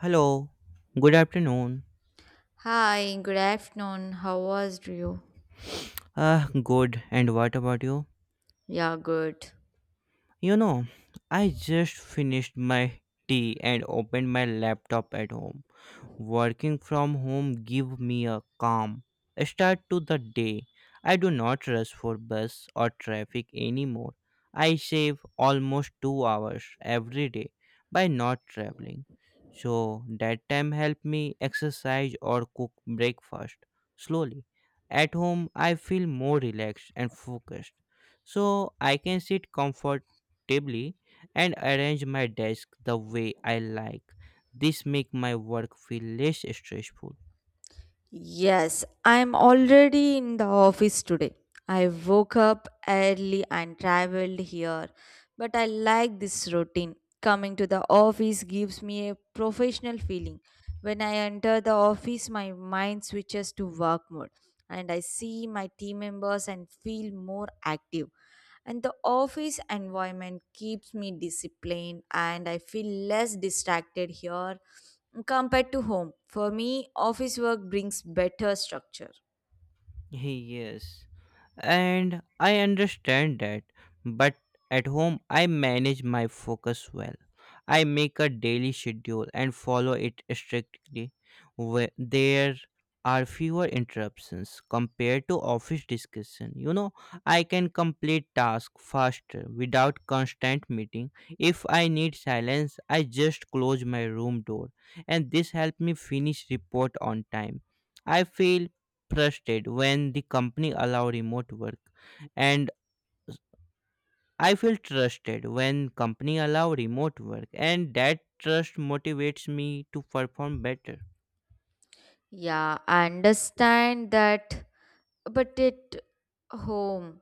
Hello, good afternoon. Hi, good afternoon. How was you? Ah, good, and what about you? Yeah, good. You know, I just finished my tea and opened my laptop at home. Working from home give me a calm start to the day. I do not rush for bus or traffic anymore. I save almost 2 hours every day by not traveling. So that time help me exercise or cook breakfast slowly. At home I feel more relaxed and focused. So I can sit comfortably and arrange my desk the way I like. This make my work feel less stressful. Yes, I'm already in the office today. I woke up early and traveled here, but I like this routine. Coming to the office gives me a professional feeling. When I enter the office, my mind switches to work mode and I see my team members and feel more active. And the office environment keeps me disciplined and I feel less distracted here compared to home. For me, office work brings better structure. Yes, and I understand that, but at home I manage my focus well. I make a daily schedule and follow it strictly. Where there are fewer interruptions compared to office discussion. You know, I can complete task faster without constant meeting. If I need silence, I just close my room door and this helped me finish report on time. I feel trusted when the company allow remote work and I feel trusted when company allow remote work and that trust motivates me to perform better. Yeah, I understand that, but it home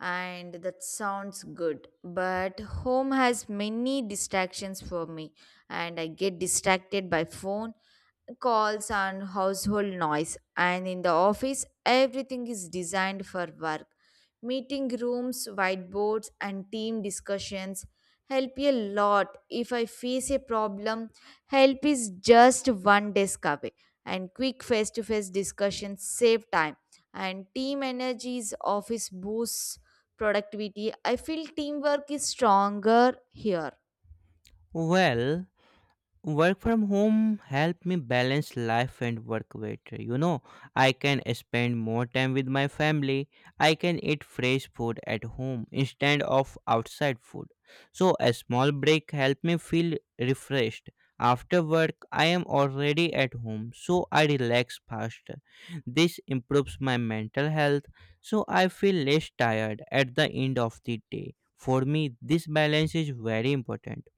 and that sounds good. But home has many distractions for me, and I get distracted by phone calls and household noise, and in the office everything is designed for work, meeting rooms, whiteboards and team discussions help a lot. If I face a problem, help is just one desk away, and quick face-to-face discussions save time, and team energies office boosts productivity. I feel teamwork is stronger here. Well, work from home help me balance life and work better. You know, I can spend more time with my family. I can eat fresh food at home instead of outside food. So a small break help me feel refreshed. After work, I am already at home, so I relax faster. This improves my mental health, so I feel less tired at the end of the day. For me, this balance is very important.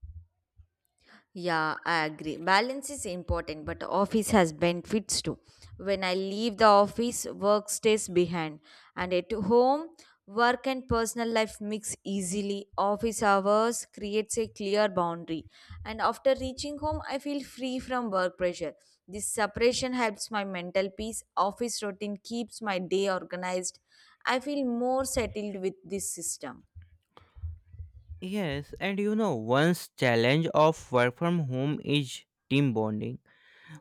Yeah, I agree. Balance is important, but office has benefits too. When I leave the office, work stays behind, and at home, work and personal life mix easily. Office hours creates a clear boundary, and after reaching home, I feel free from work pressure. This separation helps my mental peace. Office routine keeps my day organized. I feel more settled with this system. Yes, and you know, one's challenge of work from home is team bonding.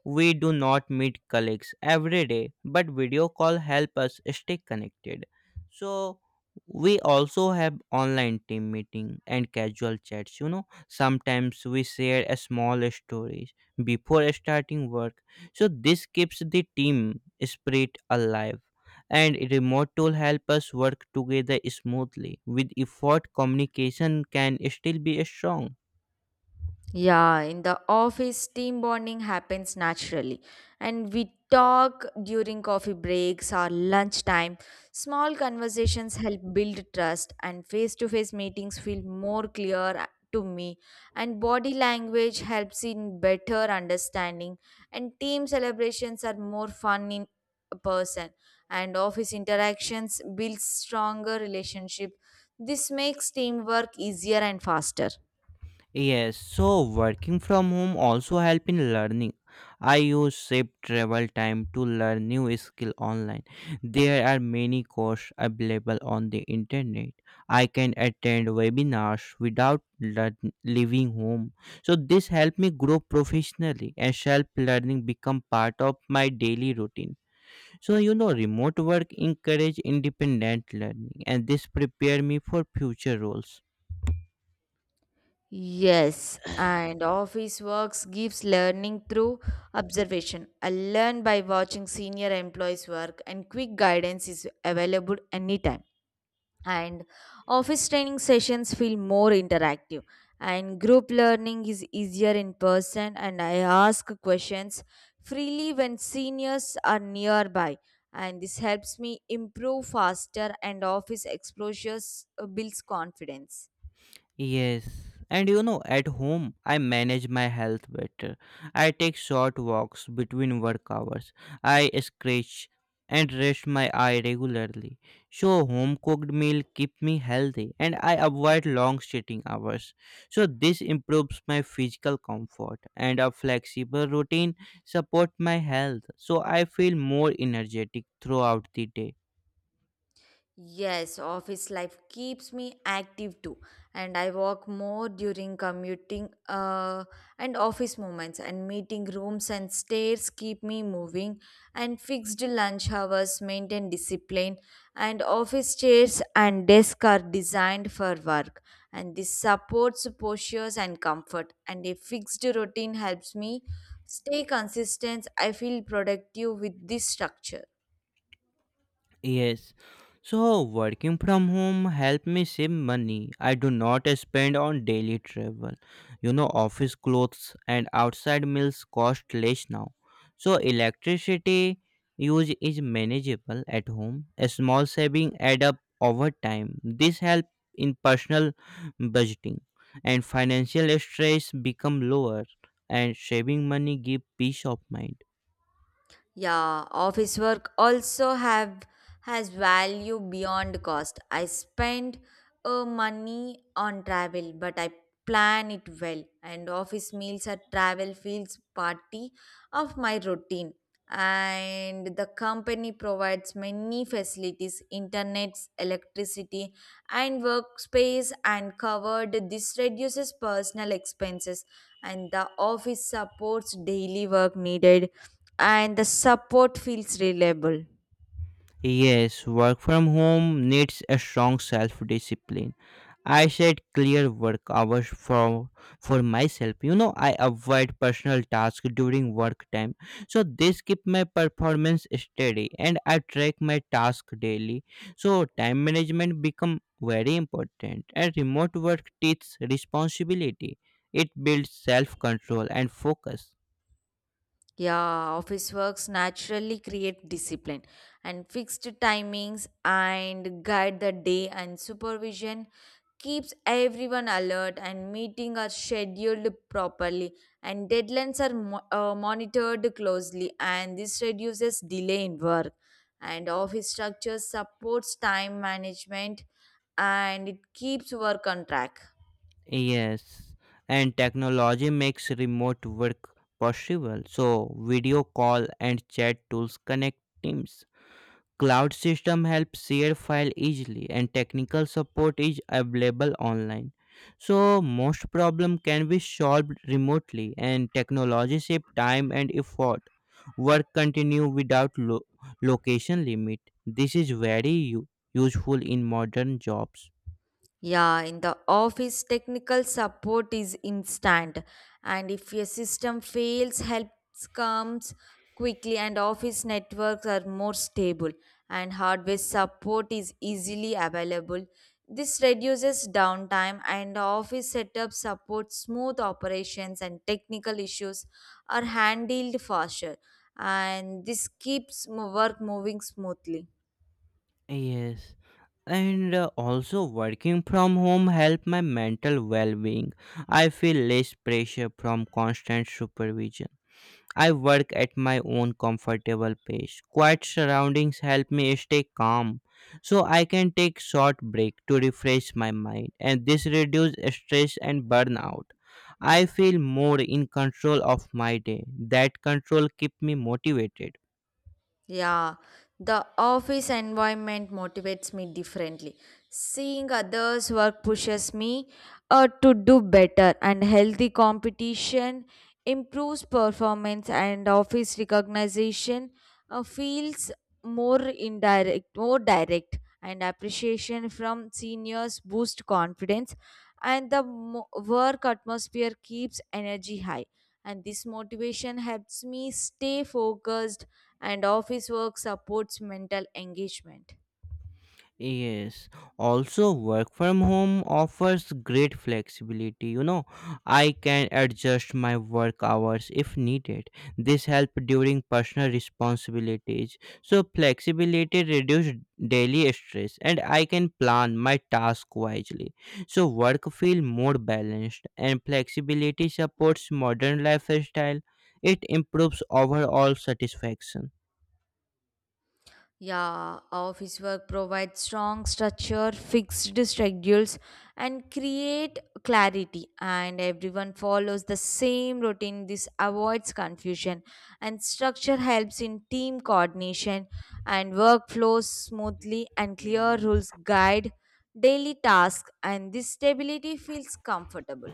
We do not meet colleagues every day, but video call help us stay connected. So we also have online team meeting and casual chats, you know, sometimes we share a small stories before starting work. So this keeps the team spirit alive and remote tool help us work together smoothly. With effort communication can still be strong. Yeah, in the office, team bonding happens naturally. And we talk during coffee breaks or lunchtime. Small conversations help build trust, and face to face meetings feel more clear to me. And body language helps in better understanding. And team celebrations are more fun in person. And office interactions build stronger relationship. This makes teamwork easier and faster. Yes, so working from home also help in learning. I use Shape Travel Time to learn new skill online. There are many courses available on the internet. I can attend webinars without learn- leaving home. So this help me grow professionally and self learning become part of my daily routine. So you know remote work encourage independent learning and this prepare me for future roles. Yes, and office works gives learning through observation. I learn by watching senior employees work, and quick guidance is available anytime. And office training sessions feel more interactive, and group learning is easier in person. And I ask questions freely when seniors are nearby, and this helps me improve faster. And office exposures builds confidence. Yes, and you know, at home I manage my health better. I take short walks between work hours. I scratch and rest my eye regularly. So home cooked meal keep me healthy and I avoid long sitting hours. So this improves my physical comfort and a flexible routine support my health. So I feel more energetic throughout the day. Yes, office life keeps me active too, and I walk more during commuting, and office moments, and meeting rooms and stairs keep me moving, and fixed lunch hours maintain discipline, and office chairs and desk are designed for work, and this supports postures and comfort, and a fixed routine helps me stay consistent. I feel productive with this structure. Yes. So working from home help me save money. I do not spend on daily travel. You know, office clothes and outside meals cost less now. So electricity use is manageable at home. A small saving add up over time. This help in personal budgeting and financial stress become lower and saving money give peace of mind. Yeah, office work also have has value beyond cost. I spend money on travel, but I plan it well. And office meals at travel feels party of my routine. And the company provides many facilities, internet, electricity, and workspace and covered. This reduces personal expenses, and the office supports daily work needed and the support feels reliable. Yes, work from home needs a strong self discipline. I set clear work hours for myself. You know, I avoid personal tasks during work time. So this keep my performance steady and I track my task daily. So time management become very important and remote work teaches responsibility. It builds self control and focus. Yeah, office works naturally create discipline and fixed timings and guide the day, and supervision keeps everyone alert, and meetings are scheduled properly, and deadlines are monitored closely, and this reduces delay in work, and office structure supports time management, and it keeps work on track. Yes, and technology makes remote work possible. So, video call and chat tools connect teams. Cloud system helps share file easily and technical support is available online. So, most problem can be solved remotely and technology save time and effort. Work continue without lo- location limit. This is very u- useful in modern jobs. Yeah, in the office, technical support is instant, and if a system fails, help comes quickly, and office networks are more stable, and hardware support is easily available. This reduces downtime, and office setup supports smooth operations, and technical issues are handled faster, and this keeps work moving smoothly. Yes, and also working from home help my mental well-being. I feel less pressure from constant supervision. I work at my own comfortable pace. Quiet surroundings help me stay calm, so I can take short break to refresh my mind and this reduce stress and burnout. I feel more in control of my day. That control keep me motivated. Yeah, the office environment motivates me differently. Seeing others work pushes me to do better, and healthy competition improves performance, and office recognition feels more direct, and appreciation from seniors boost confidence, and the work atmosphere keeps energy high. And this motivation helps me stay focused and office work supports mental engagement. Yes, also work from home offers great flexibility. You know, I can adjust my work hours if needed. This help during personal responsibilities. So flexibility reduce daily stress and I can plan my task wisely. So work feel more balanced and flexibility supports modern lifestyle. It improves overall satisfaction. Yeah, office work provides strong structure, fixed schedules, and create clarity. And everyone follows the same routine. This avoids confusion, and structure helps in team coordination and work flows smoothly. And clear Mhm. rules guide daily tasks, and this stability feels comfortable.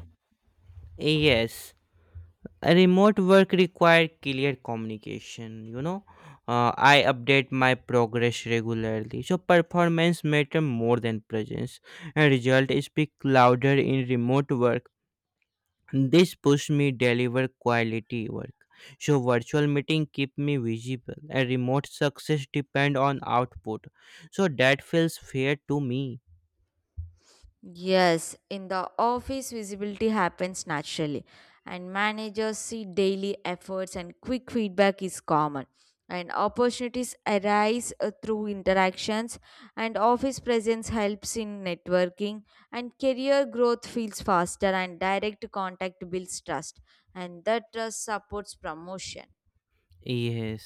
Yes, remote work require clear communication. I update my progress regularly, so performance matter more than presence and result speak louder in remote work. This push me deliver quality work. So virtual meeting keep me visible and remote success depend on output. So that feels fair to me. Yes, in the office, visibility happens naturally, and managers see daily efforts, and quick feedback is common. And opportunities arise through interactions, and office presence helps in networking, and career growth feels faster, and direct contact builds trust, and that trust supports promotion. Yes,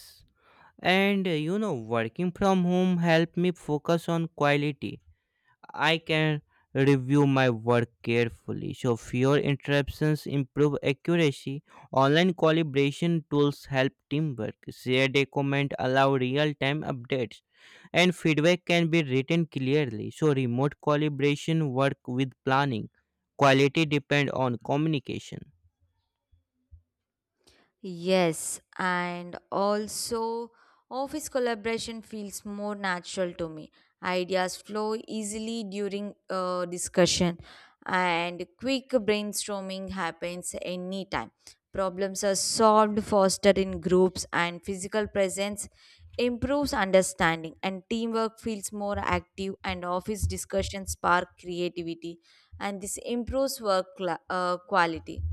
and you know, working from home help me focus on quality. I can review my work carefully. So fewer interruptions improve accuracy. Online collaboration tools help teamwork. Shared document allow real-time updates and feedback can be written clearly. So remote collaboration work with planning. Quality depend on communication. Yes, and also office collaboration feels more natural to me. Ideas flow easily during discussion, and quick brainstorming happens anytime. Problems are solved faster in groups, and physical presence improves understanding. And teamwork feels more active, and office discussions spark creativity, and this improves work quality.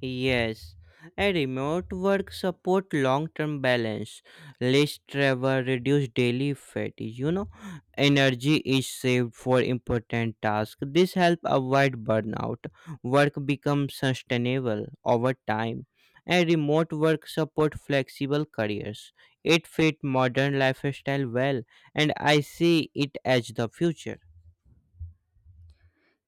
Yes, a remote work support long-term balance, less travel, reduce daily fatigue. You know, energy is saved for important tasks. This help avoid burnout. Work becomes sustainable over time. A remote work support flexible careers. It fit modern lifestyle well, and I see it as the future.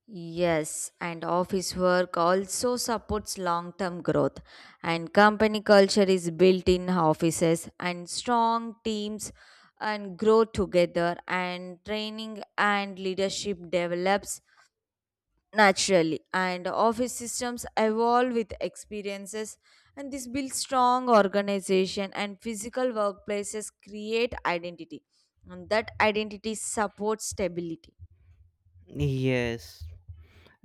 Yes, and office work also supports long term growth. And company culture is built in offices, and strong teams and grow together, and training and leadership develops naturally. And office systems evolve with experiences, and this builds strong organization, and physical workplaces create identity. And that identity supports stability. Yes.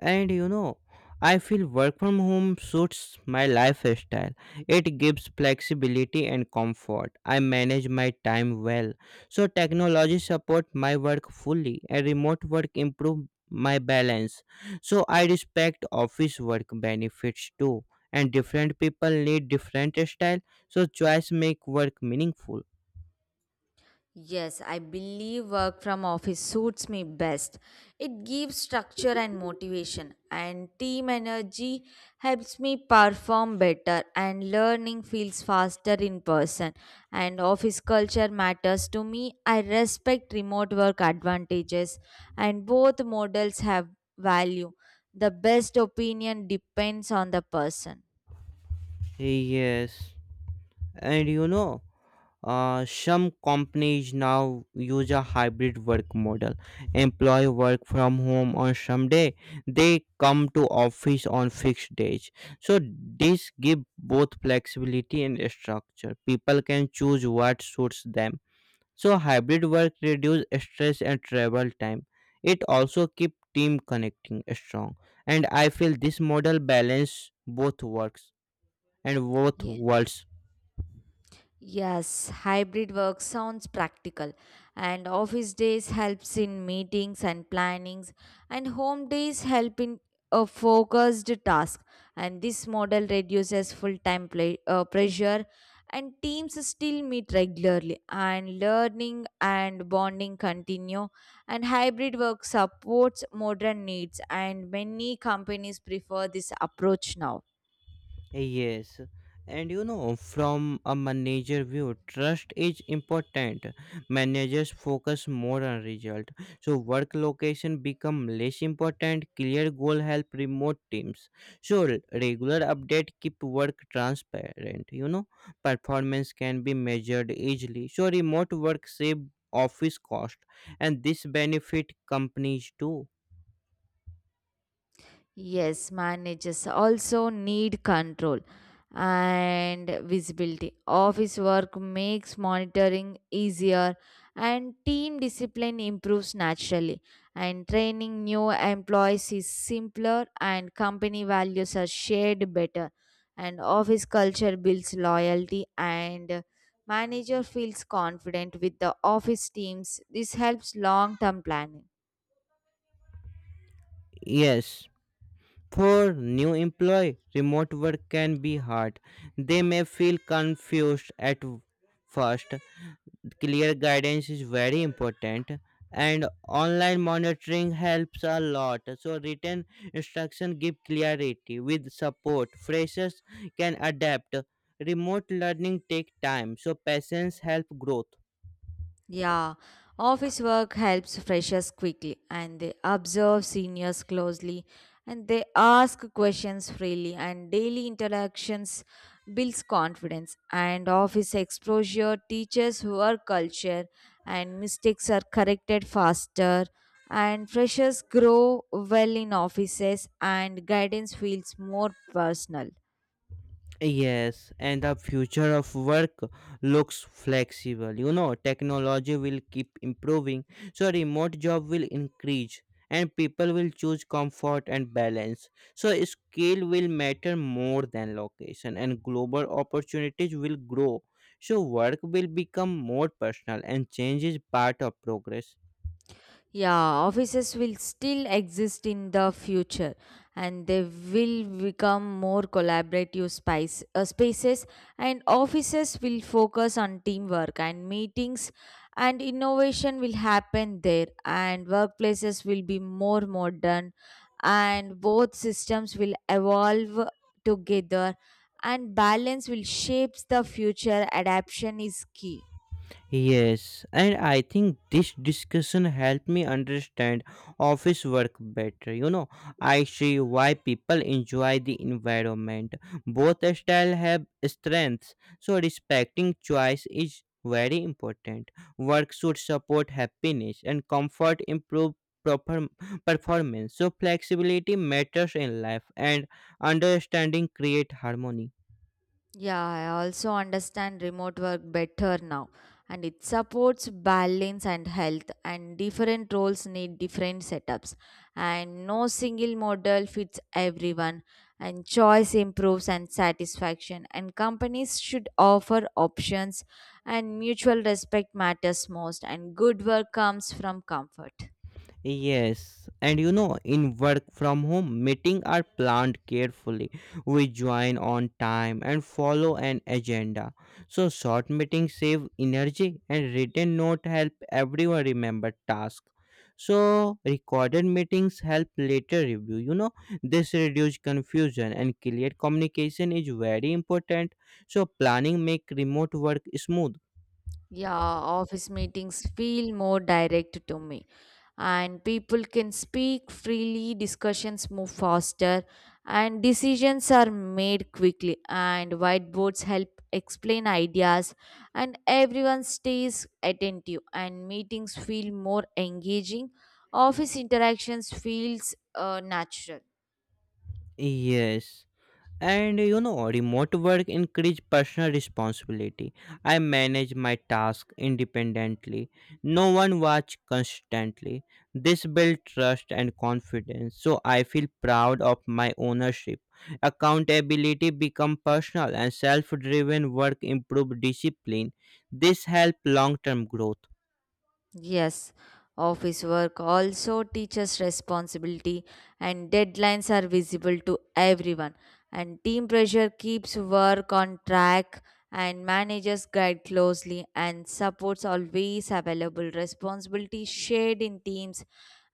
And you know, I feel work from home suits my lifestyle. It gives flexibility and comfort. I manage my time well. So technology support my work fully and remote work improve my balance. So I respect office work benefits too. And different people need different style. So choice make work meaningful. Yes, I believe work from office suits me best. It gives structure and motivation, and team energy helps me perform better, and learning feels faster in person. And office culture matters to me. I respect remote work advantages, and both models have value. The best opinion depends on the person. Yes. And you know, some companies now use a hybrid work model. Employee work from home on some day. They come to office on fixed days. So this give both flexibility and structure. People can choose what suits them. So hybrid work reduce stress and travel time. It also keep team connecting strong. And I feel this model balance both Yes. worlds. Yes, hybrid work sounds practical, and office days helps in meetings and plannings, and home days help in a focused task, and this model reduces full-time pressure, and teams still meet regularly and learning and bonding continue, and hybrid work supports modern needs and many companies prefer this approach now. Yes, and you know, from a manager view, trust is important. Managers focus more on result, so work location become less important. Clear goal help remote teams. So regular update keep work transparent. You know, performance can be measured easily. So remote work save office cost, and this benefit companies too. Yes, managers also need control and visibility. Office work makes monitoring easier and team discipline improves naturally. And training new employees is simpler and company values are shared better. And office culture builds loyalty and manager feels confident with the office teams. This helps long-term planning. Yes. For new employee, remote work can be hard. They may feel confused at w- first. Clear guidance is very important and online monitoring helps a lot. So written instruction give clarity with support. Freshers can adapt. Remote learning take time, so patience help growth. Yeah, office work helps freshers quickly and they observe seniors closely, and they ask questions freely, and daily interactions builds confidence, and office exposure teaches work culture, and mistakes are corrected faster, and freshers grow well in offices, and guidance feels more personal. Yes, and the future of work looks flexible. You know, technology will keep improving, so remote job will increase and people will choose comfort and balance. So skill will matter more than location and global opportunities will grow. So work will become more personal and change is part of progress. Yeah, offices will still exist in the future, and they will become more collaborative spaces, and offices will focus on teamwork and meetings, and innovation will happen there, and workplaces will be more modern, and both systems will evolve together, and balance will shape the future. Adaptation is key. Yes, and I think this discussion helped me understand office work better. You know, I see why people enjoy the environment. Both style have strengths, so respecting choice is very important. Work should support happiness and comfort improve proper performance. So flexibility matters in life and understanding create harmony. Yeah, I also understand remote work better now, and it supports balance and health, and different roles need different setups, and no single model fits everyone, and choice improves and satisfaction, and companies should offer options, and mutual respect matters most, and good work comes from comfort. Yes, and you know, in work from home, meetings are planned carefully. We join on time and follow an agenda. So, short meetings save energy, and written note help everyone remember task. So, recorded meetings help later review. You know, this reduce confusion and clear communication is very important. So, planning make remote work smooth. Yeah, office meetings feel more direct to me. And people can speak freely, discussions move faster, and decisions are made quickly. And whiteboards help explain ideas, and everyone stays attentive. And meetings feel more engaging. Office interactions feels natural. Yes, and you know, remote work increase personal responsibility. I manage my task independently. No one watch constantly. This build trust and confidence, so I feel proud of my ownership. Accountability become personal and self driven work improve discipline. This help long term growth. Yes, office work also teaches responsibility, and deadlines are visible to everyone. And team pressure keeps work on track, and managers guide closely, and supports always available. Responsibility shared in teams,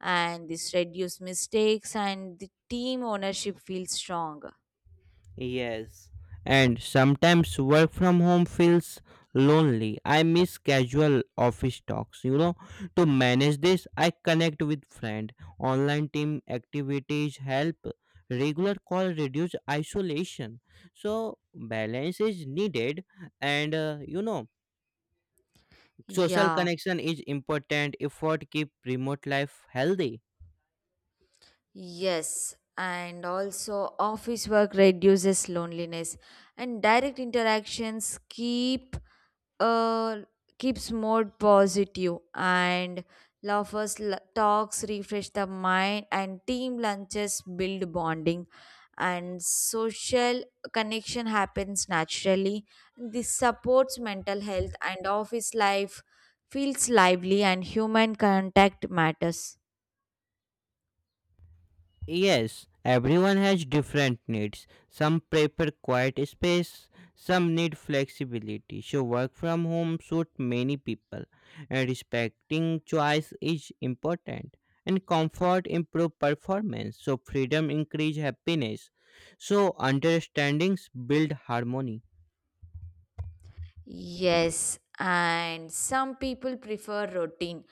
and this reduces mistakes, and the team ownership feels strong. Yes, and sometimes work from home feels lonely. I miss casual office talks, To manage this, I connect with friend. Online team activities help. Regular call reduce isolation. So balance is needed. And social Yeah. connection is important. Effort keep remote life healthy. Yes, and also office work reduces loneliness and direct interactions uh keeps more positive, and talks refresh the mind and team lunches build bonding, and social connection happens naturally. This supports mental health and office life feels lively and human contact matters. Yes, everyone has different needs. Some prefer quiet space, some need flexibility. So work from home suits many people, and respecting choice is important. And comfort improve performance, so freedom increase happiness. So understandings build harmony. Yes, and some people prefer routine,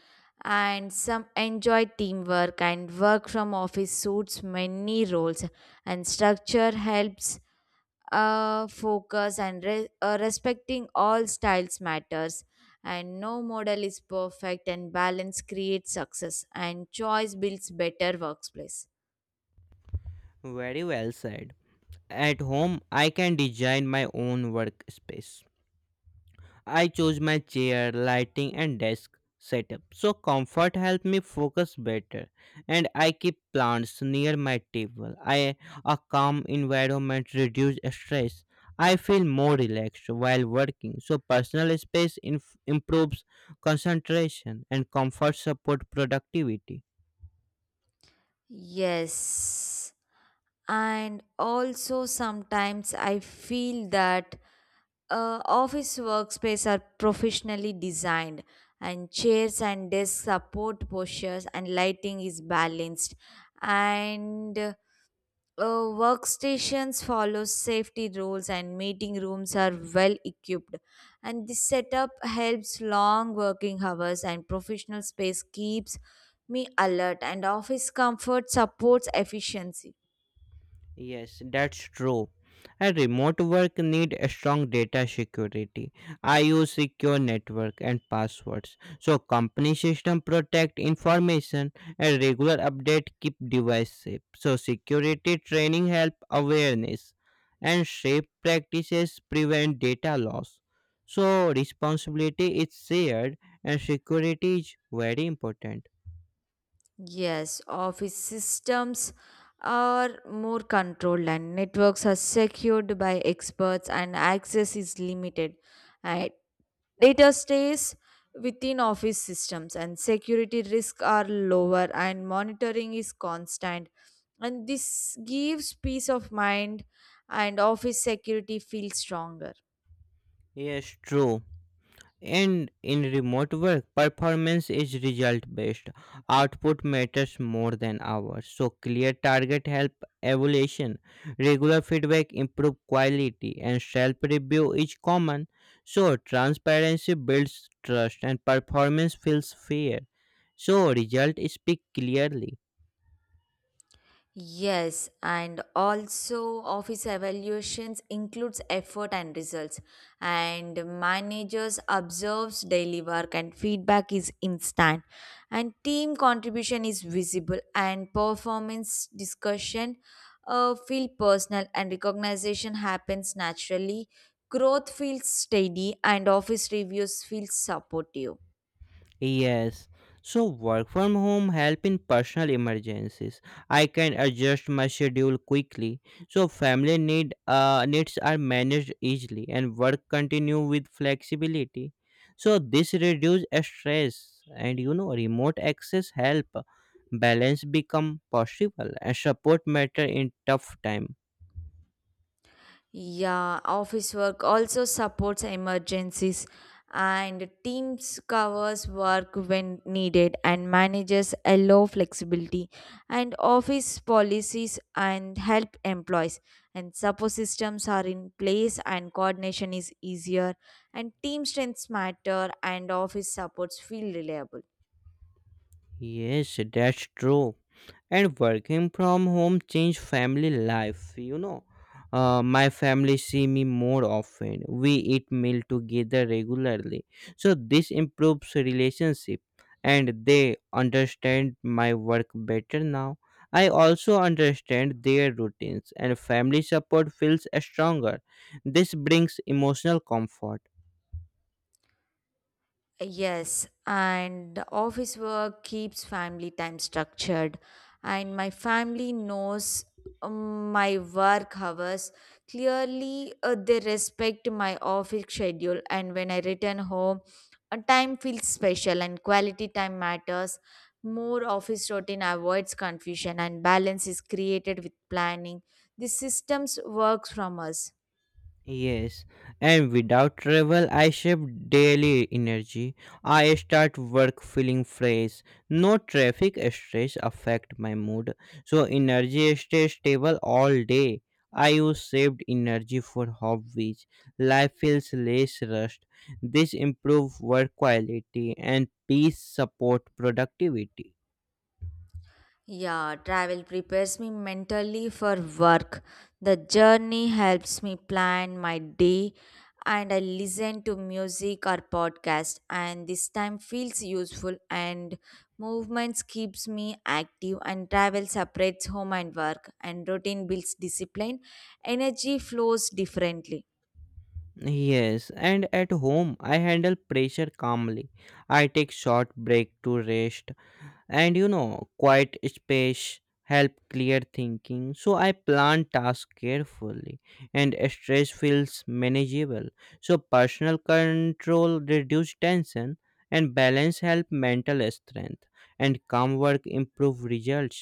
and some enjoy teamwork and work from office suits many roles, and structure helps focus and respecting all styles matters. And no model is perfect, and balance creates success, and choice builds better workplace. Very well said. At home, I can design my own workspace. I chose my chair, lighting, and desk setup. So comfort helped me focus better, and I keep plants near my table. I a calm environment reduce stress. I feel more relaxed while working. So personal space improves concentration, and comfort support productivity. Yes, and also sometimes I feel that. Office workspace are professionally designed, and chairs and desk support postures, and lighting is balanced, and workstations follow safety rules, and meeting rooms are well equipped, and this setup helps long working hours, and professional space keeps me alert, and office comfort supports efficiency. Yes, that's true. And remote work need a strong data security. I use secure network and passwords. So company system protect information and regular update keep device safe. So security training help awareness and safe practices prevent data loss. So responsibility is shared and security is very important. Yes, office systems are more controlled and networks are secured by experts and access is limited. And data stays within office systems and security risks are lower and monitoring is constant. And this gives peace of mind and office security feels stronger. Yes, true. And in remote work, performance is result based. Output matters more than hours. So clear target help evaluation. Regular feedback improve quality and self review is common. So transparency builds trust and performance feels fair. So result speak clearly. Yes, and also office evaluations includes effort and results, and managers observes daily work and feedback is instant, and team contribution is visible, and performance discussion feel personal, and recognition happens naturally. Growth feels steady and office reviews feel supportive. Yes. So work from home help in personal emergencies. I can adjust my schedule quickly. So family needs are managed easily and work continue with flexibility. So this reduce stress and remote access help balance become possible and support matter in tough time. Yeah, office work also supports emergencies, and teams covers work when needed, and managers allow flexibility, and office policies and help employees, and support systems are in place, and coordination is easier, and team strengths matter, and office supports feel reliable. Yes, that's true. And working from home changed family life. My family see me more often. We eat meal together regularly, so this improves relationship, and they understand my work better now. I also understand their routines and family support feels stronger. This brings emotional comfort. Yes, and the office work keeps family time structured, and my family knows my work hours clearly. They respect my office schedule, and when I return home, a time feels special and quality time matters. More office routine avoids confusion, and balance is created with planning. The systems works from us. Yes, and without travel, I save daily energy. I start work feeling fresh. No traffic stress affect my mood, so energy stays stable all day. I use saved energy for hobbies. Life feels less rushed. This improve work quality and peace support productivity. Yeah, travel prepares me mentally for work. The journey helps me plan my day, and I listen to music or podcast, and this time feels useful, and movements keeps me active, and travel separates home and work, and routine builds discipline. Energy flows differently. Yes, and at home, I handle pressure calmly. I take short break to rest. And quiet space help clear thinking, so I plan tasks carefully and stress feels manageable. So personal control reduce tension and balance help mental strength and calm work improve results.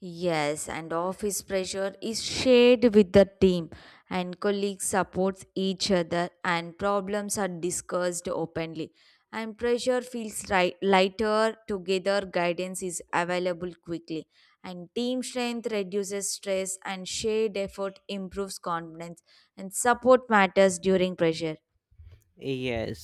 Yes, and office pressure is shared with the team, and colleagues supports each other, and problems are discussed openly, and pressure feels right, lighter together, guidance is available quickly, and team strength reduces stress, and shared effort improves confidence, and support matters during pressure. Yes,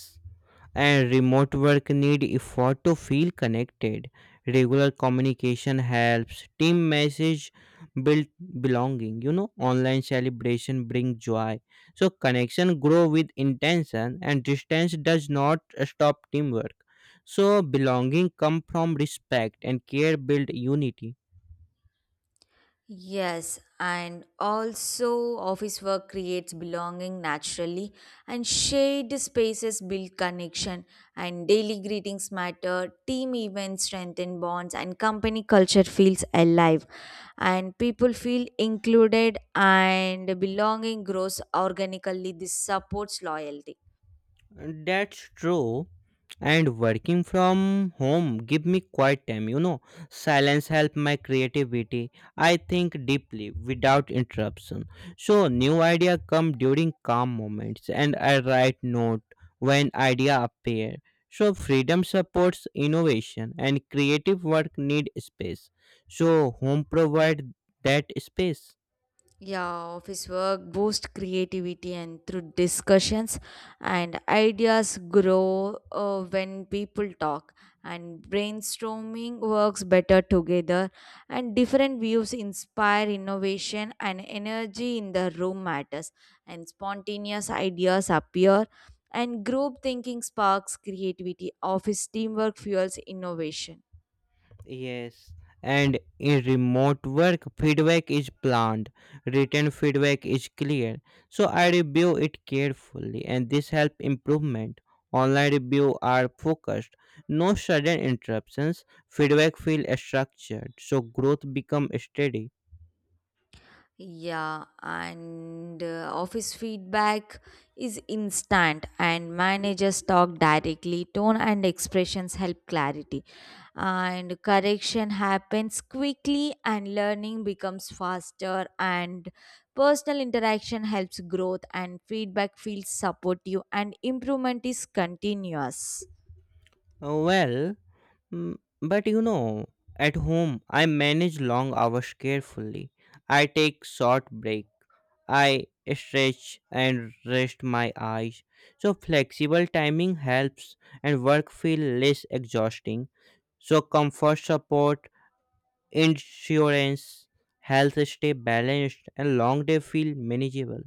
and remote work need effort to feel connected. Regular communication helps. Team message build belonging. You know, online celebration bring joy. So connection grow with intention, and distance does not stop teamwork. So belonging come from respect, and care build unity. Yes, and also office work creates belonging naturally, and shared spaces build connection, and daily greetings matter, team events strengthen bonds, and company culture feels alive, and people feel included, and belonging grows organically. This supports loyalty. That's true. And working from home give me quiet time, you know. Silence help my creativity. I think deeply without interruption. So new idea come during calm moments and I write note when idea appear. So freedom supports innovation and creative work need space. So home provide that space. Yeah, office work boosts creativity, and through discussions and ideas grow when people talk. And brainstorming works better together, and different views inspire innovation, and energy in the room matters. And spontaneous ideas appear, and group thinking sparks creativity. Office teamwork fuels innovation. Yes, and in remote work, feedback is planned, written feedback is clear. So I review it carefully, and this help improvement. Online review are focused, no sudden interruptions. Feedback feel structured, so growth become steady. Yeah, and office feedback is instant, and managers talk directly. Tone and expressions help clarity, and correction happens quickly, and learning becomes faster. And personal interaction helps growth, and feedback feels supportive, and improvement is continuous. Well, But at home, I manage long hours carefully. I take short break. I stretch and rest my eyes. So flexible timing helps and work feel less exhausting. So comfort support, insurance, health stay balanced and long day feel manageable.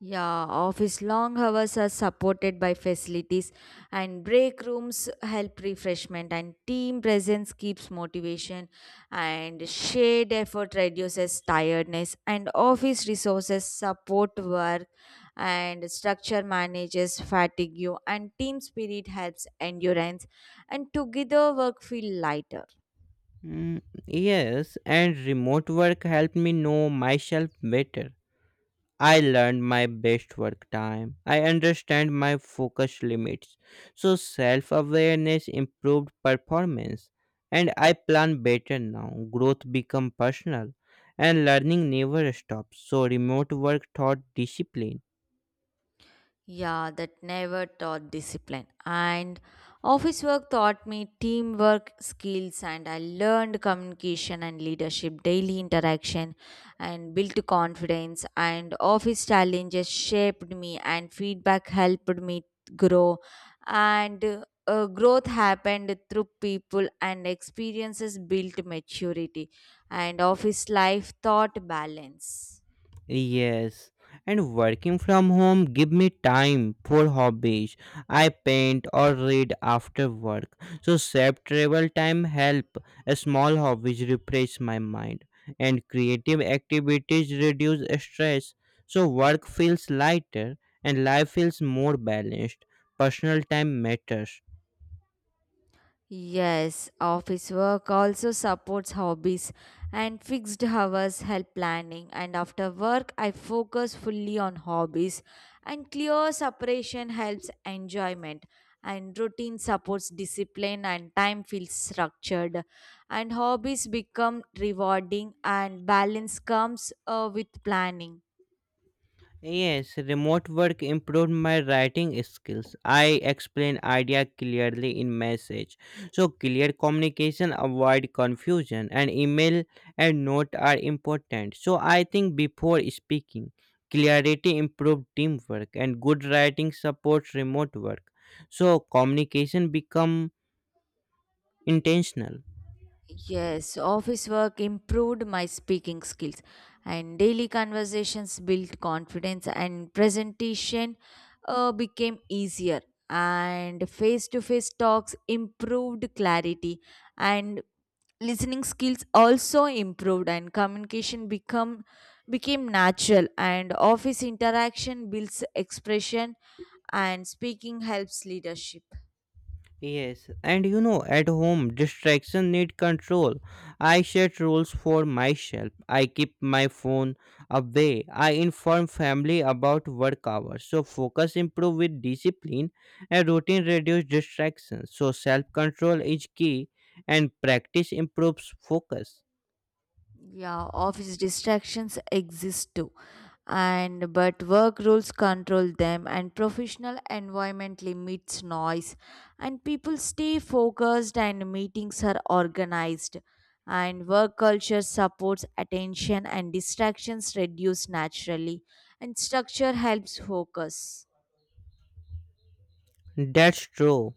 Yeah, office long hours are supported by facilities, and break rooms help refreshment, and team presence keeps motivation, and shared effort reduces tiredness, and office resources support work, and structure manages fatigue, and team spirit helps endurance, and together work feel lighter. Yes, and remote work helped me know myself better. I learned my best work time. I understand my focus limits. So self awareness improved performance. And I plan better now. Growth become personal. And learning never stops. So remote work taught discipline. Yeah, that never taught discipline. And office work taught me teamwork skills, and I learned communication and leadership, daily interaction, and built confidence. And office challenges shaped me, and feedback helped me grow. And growth happened through people, and experiences built maturity. And office life taught balance. Yes, and working from home give me time for hobbies. I paint or read after work. So save travel time help. Small hobbies refresh my mind and creative activities reduce stress. So work feels lighter and life feels more balanced. Personal time matters. Yes, office work also supports hobbies, and fixed hours help planning. And after work, I focus fully on hobbies, and clear separation helps enjoyment. And routine supports discipline, and time feels structured. And hobbies become rewarding, and balance comes with planning. Yes, remote work improved my writing skills. I explain idea clearly in message. So clear communication avoid confusion and email and note are important. So I think before speaking, clarity improved teamwork and good writing supports remote work. So communication become intentional. Yes, office work improved my speaking skills, and daily conversations built confidence, and presentation became easier. And face to face talks improved clarity, and listening skills also improved, and communication become became natural. And office interaction builds expression, and speaking helps leadership. Yes, and you know, at home, distraction need control. I set rules for myself. I keep my phone away. I inform family about work hours. So focus improve with discipline and routine reduce distractions. So self control is key and practice improves focus. Yeah, office distractions exist too. And but work rules control them, and professional environment limits noise, and people stay focused, and meetings are organized, and work culture supports attention, and distractions reduce naturally, and structure helps focus. That's true.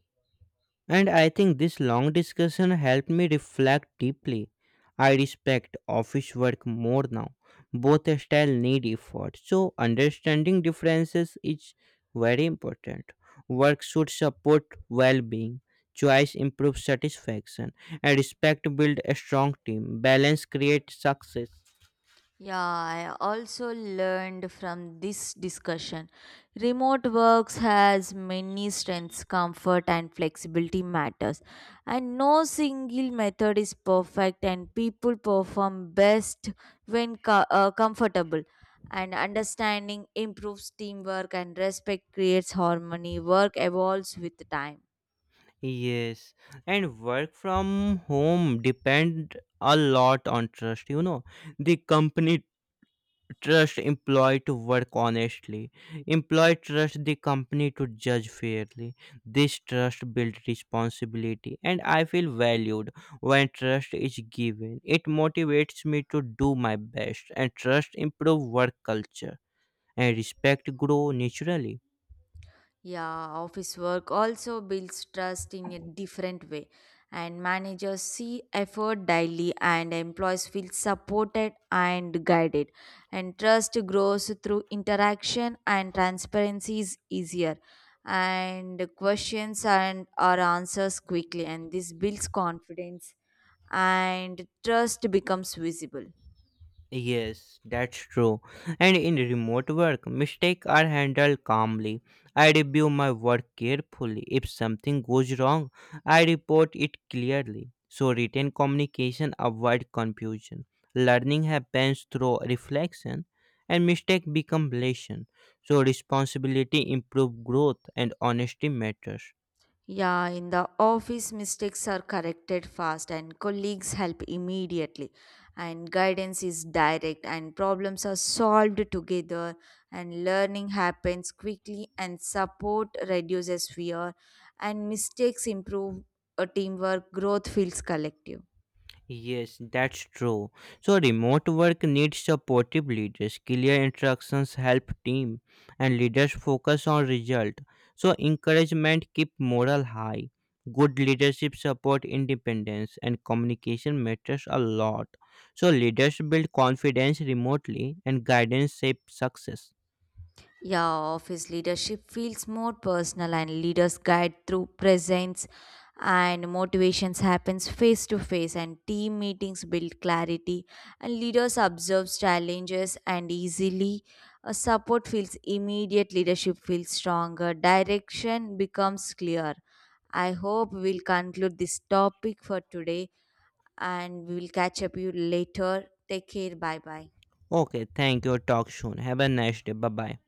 And I think this long discussion helped me reflect deeply. I respect office work more now. Both style need effort. So understanding differences is very important. Work should support well-being. Choice improves satisfaction. And respect build a strong team. Balance creates success. Yeah, I also learned from this discussion. Remote works has many strengths, comfort and flexibility matters. And no single method is perfect, and people perform best when comfortable. And understanding improves teamwork, and respect creates harmony. Work evolves with time. Yes. And work from home depend a lot on trust, you know. The company trust employee to work honestly. Employee trust the company to judge fairly. This trust builds responsibility and I feel valued. When trust is given, it motivates me to do my best and trust improve work culture and respect grow naturally. Yeah, office work also builds trust in a different way, and managers see effort daily, and employees feel supported and guided. And trust grows through interaction, and transparency is easier, and questions and are answers quickly, and this builds confidence, and trust becomes visible. Yes, that's true. And in remote work, mistakes are handled calmly. I review my work carefully. If something goes wrong, I report it clearly. So written communication avoid confusion. Learning happens through reflection and mistake become lesson. So responsibility improve growth and honesty matters. Yeah, in the office, mistakes are corrected fast, and colleagues help immediately. And guidance is direct, and problems are solved together. And learning happens quickly, and support reduces fear. And mistakes improve teamwork, growth feels collective. Yes, that's true. So remote work needs supportive leaders. Clear instructions help team and leaders focus on result. So encouragement keep morale high. Good leadership support independence and communication matters a lot. So leaders build confidence remotely and guidance shape success. Yeah, office leadership feels more personal, and leaders guide through presence, and motivations happens face to face, and team meetings build clarity, and leaders observe challenges and easily a support feels immediate, leadership feels stronger, direction becomes clear. I hope we'll conclude this topic for today, and we will catch up you later. Take care, bye bye. Okay, thank you. Talk soon. Have a nice day. Bye bye.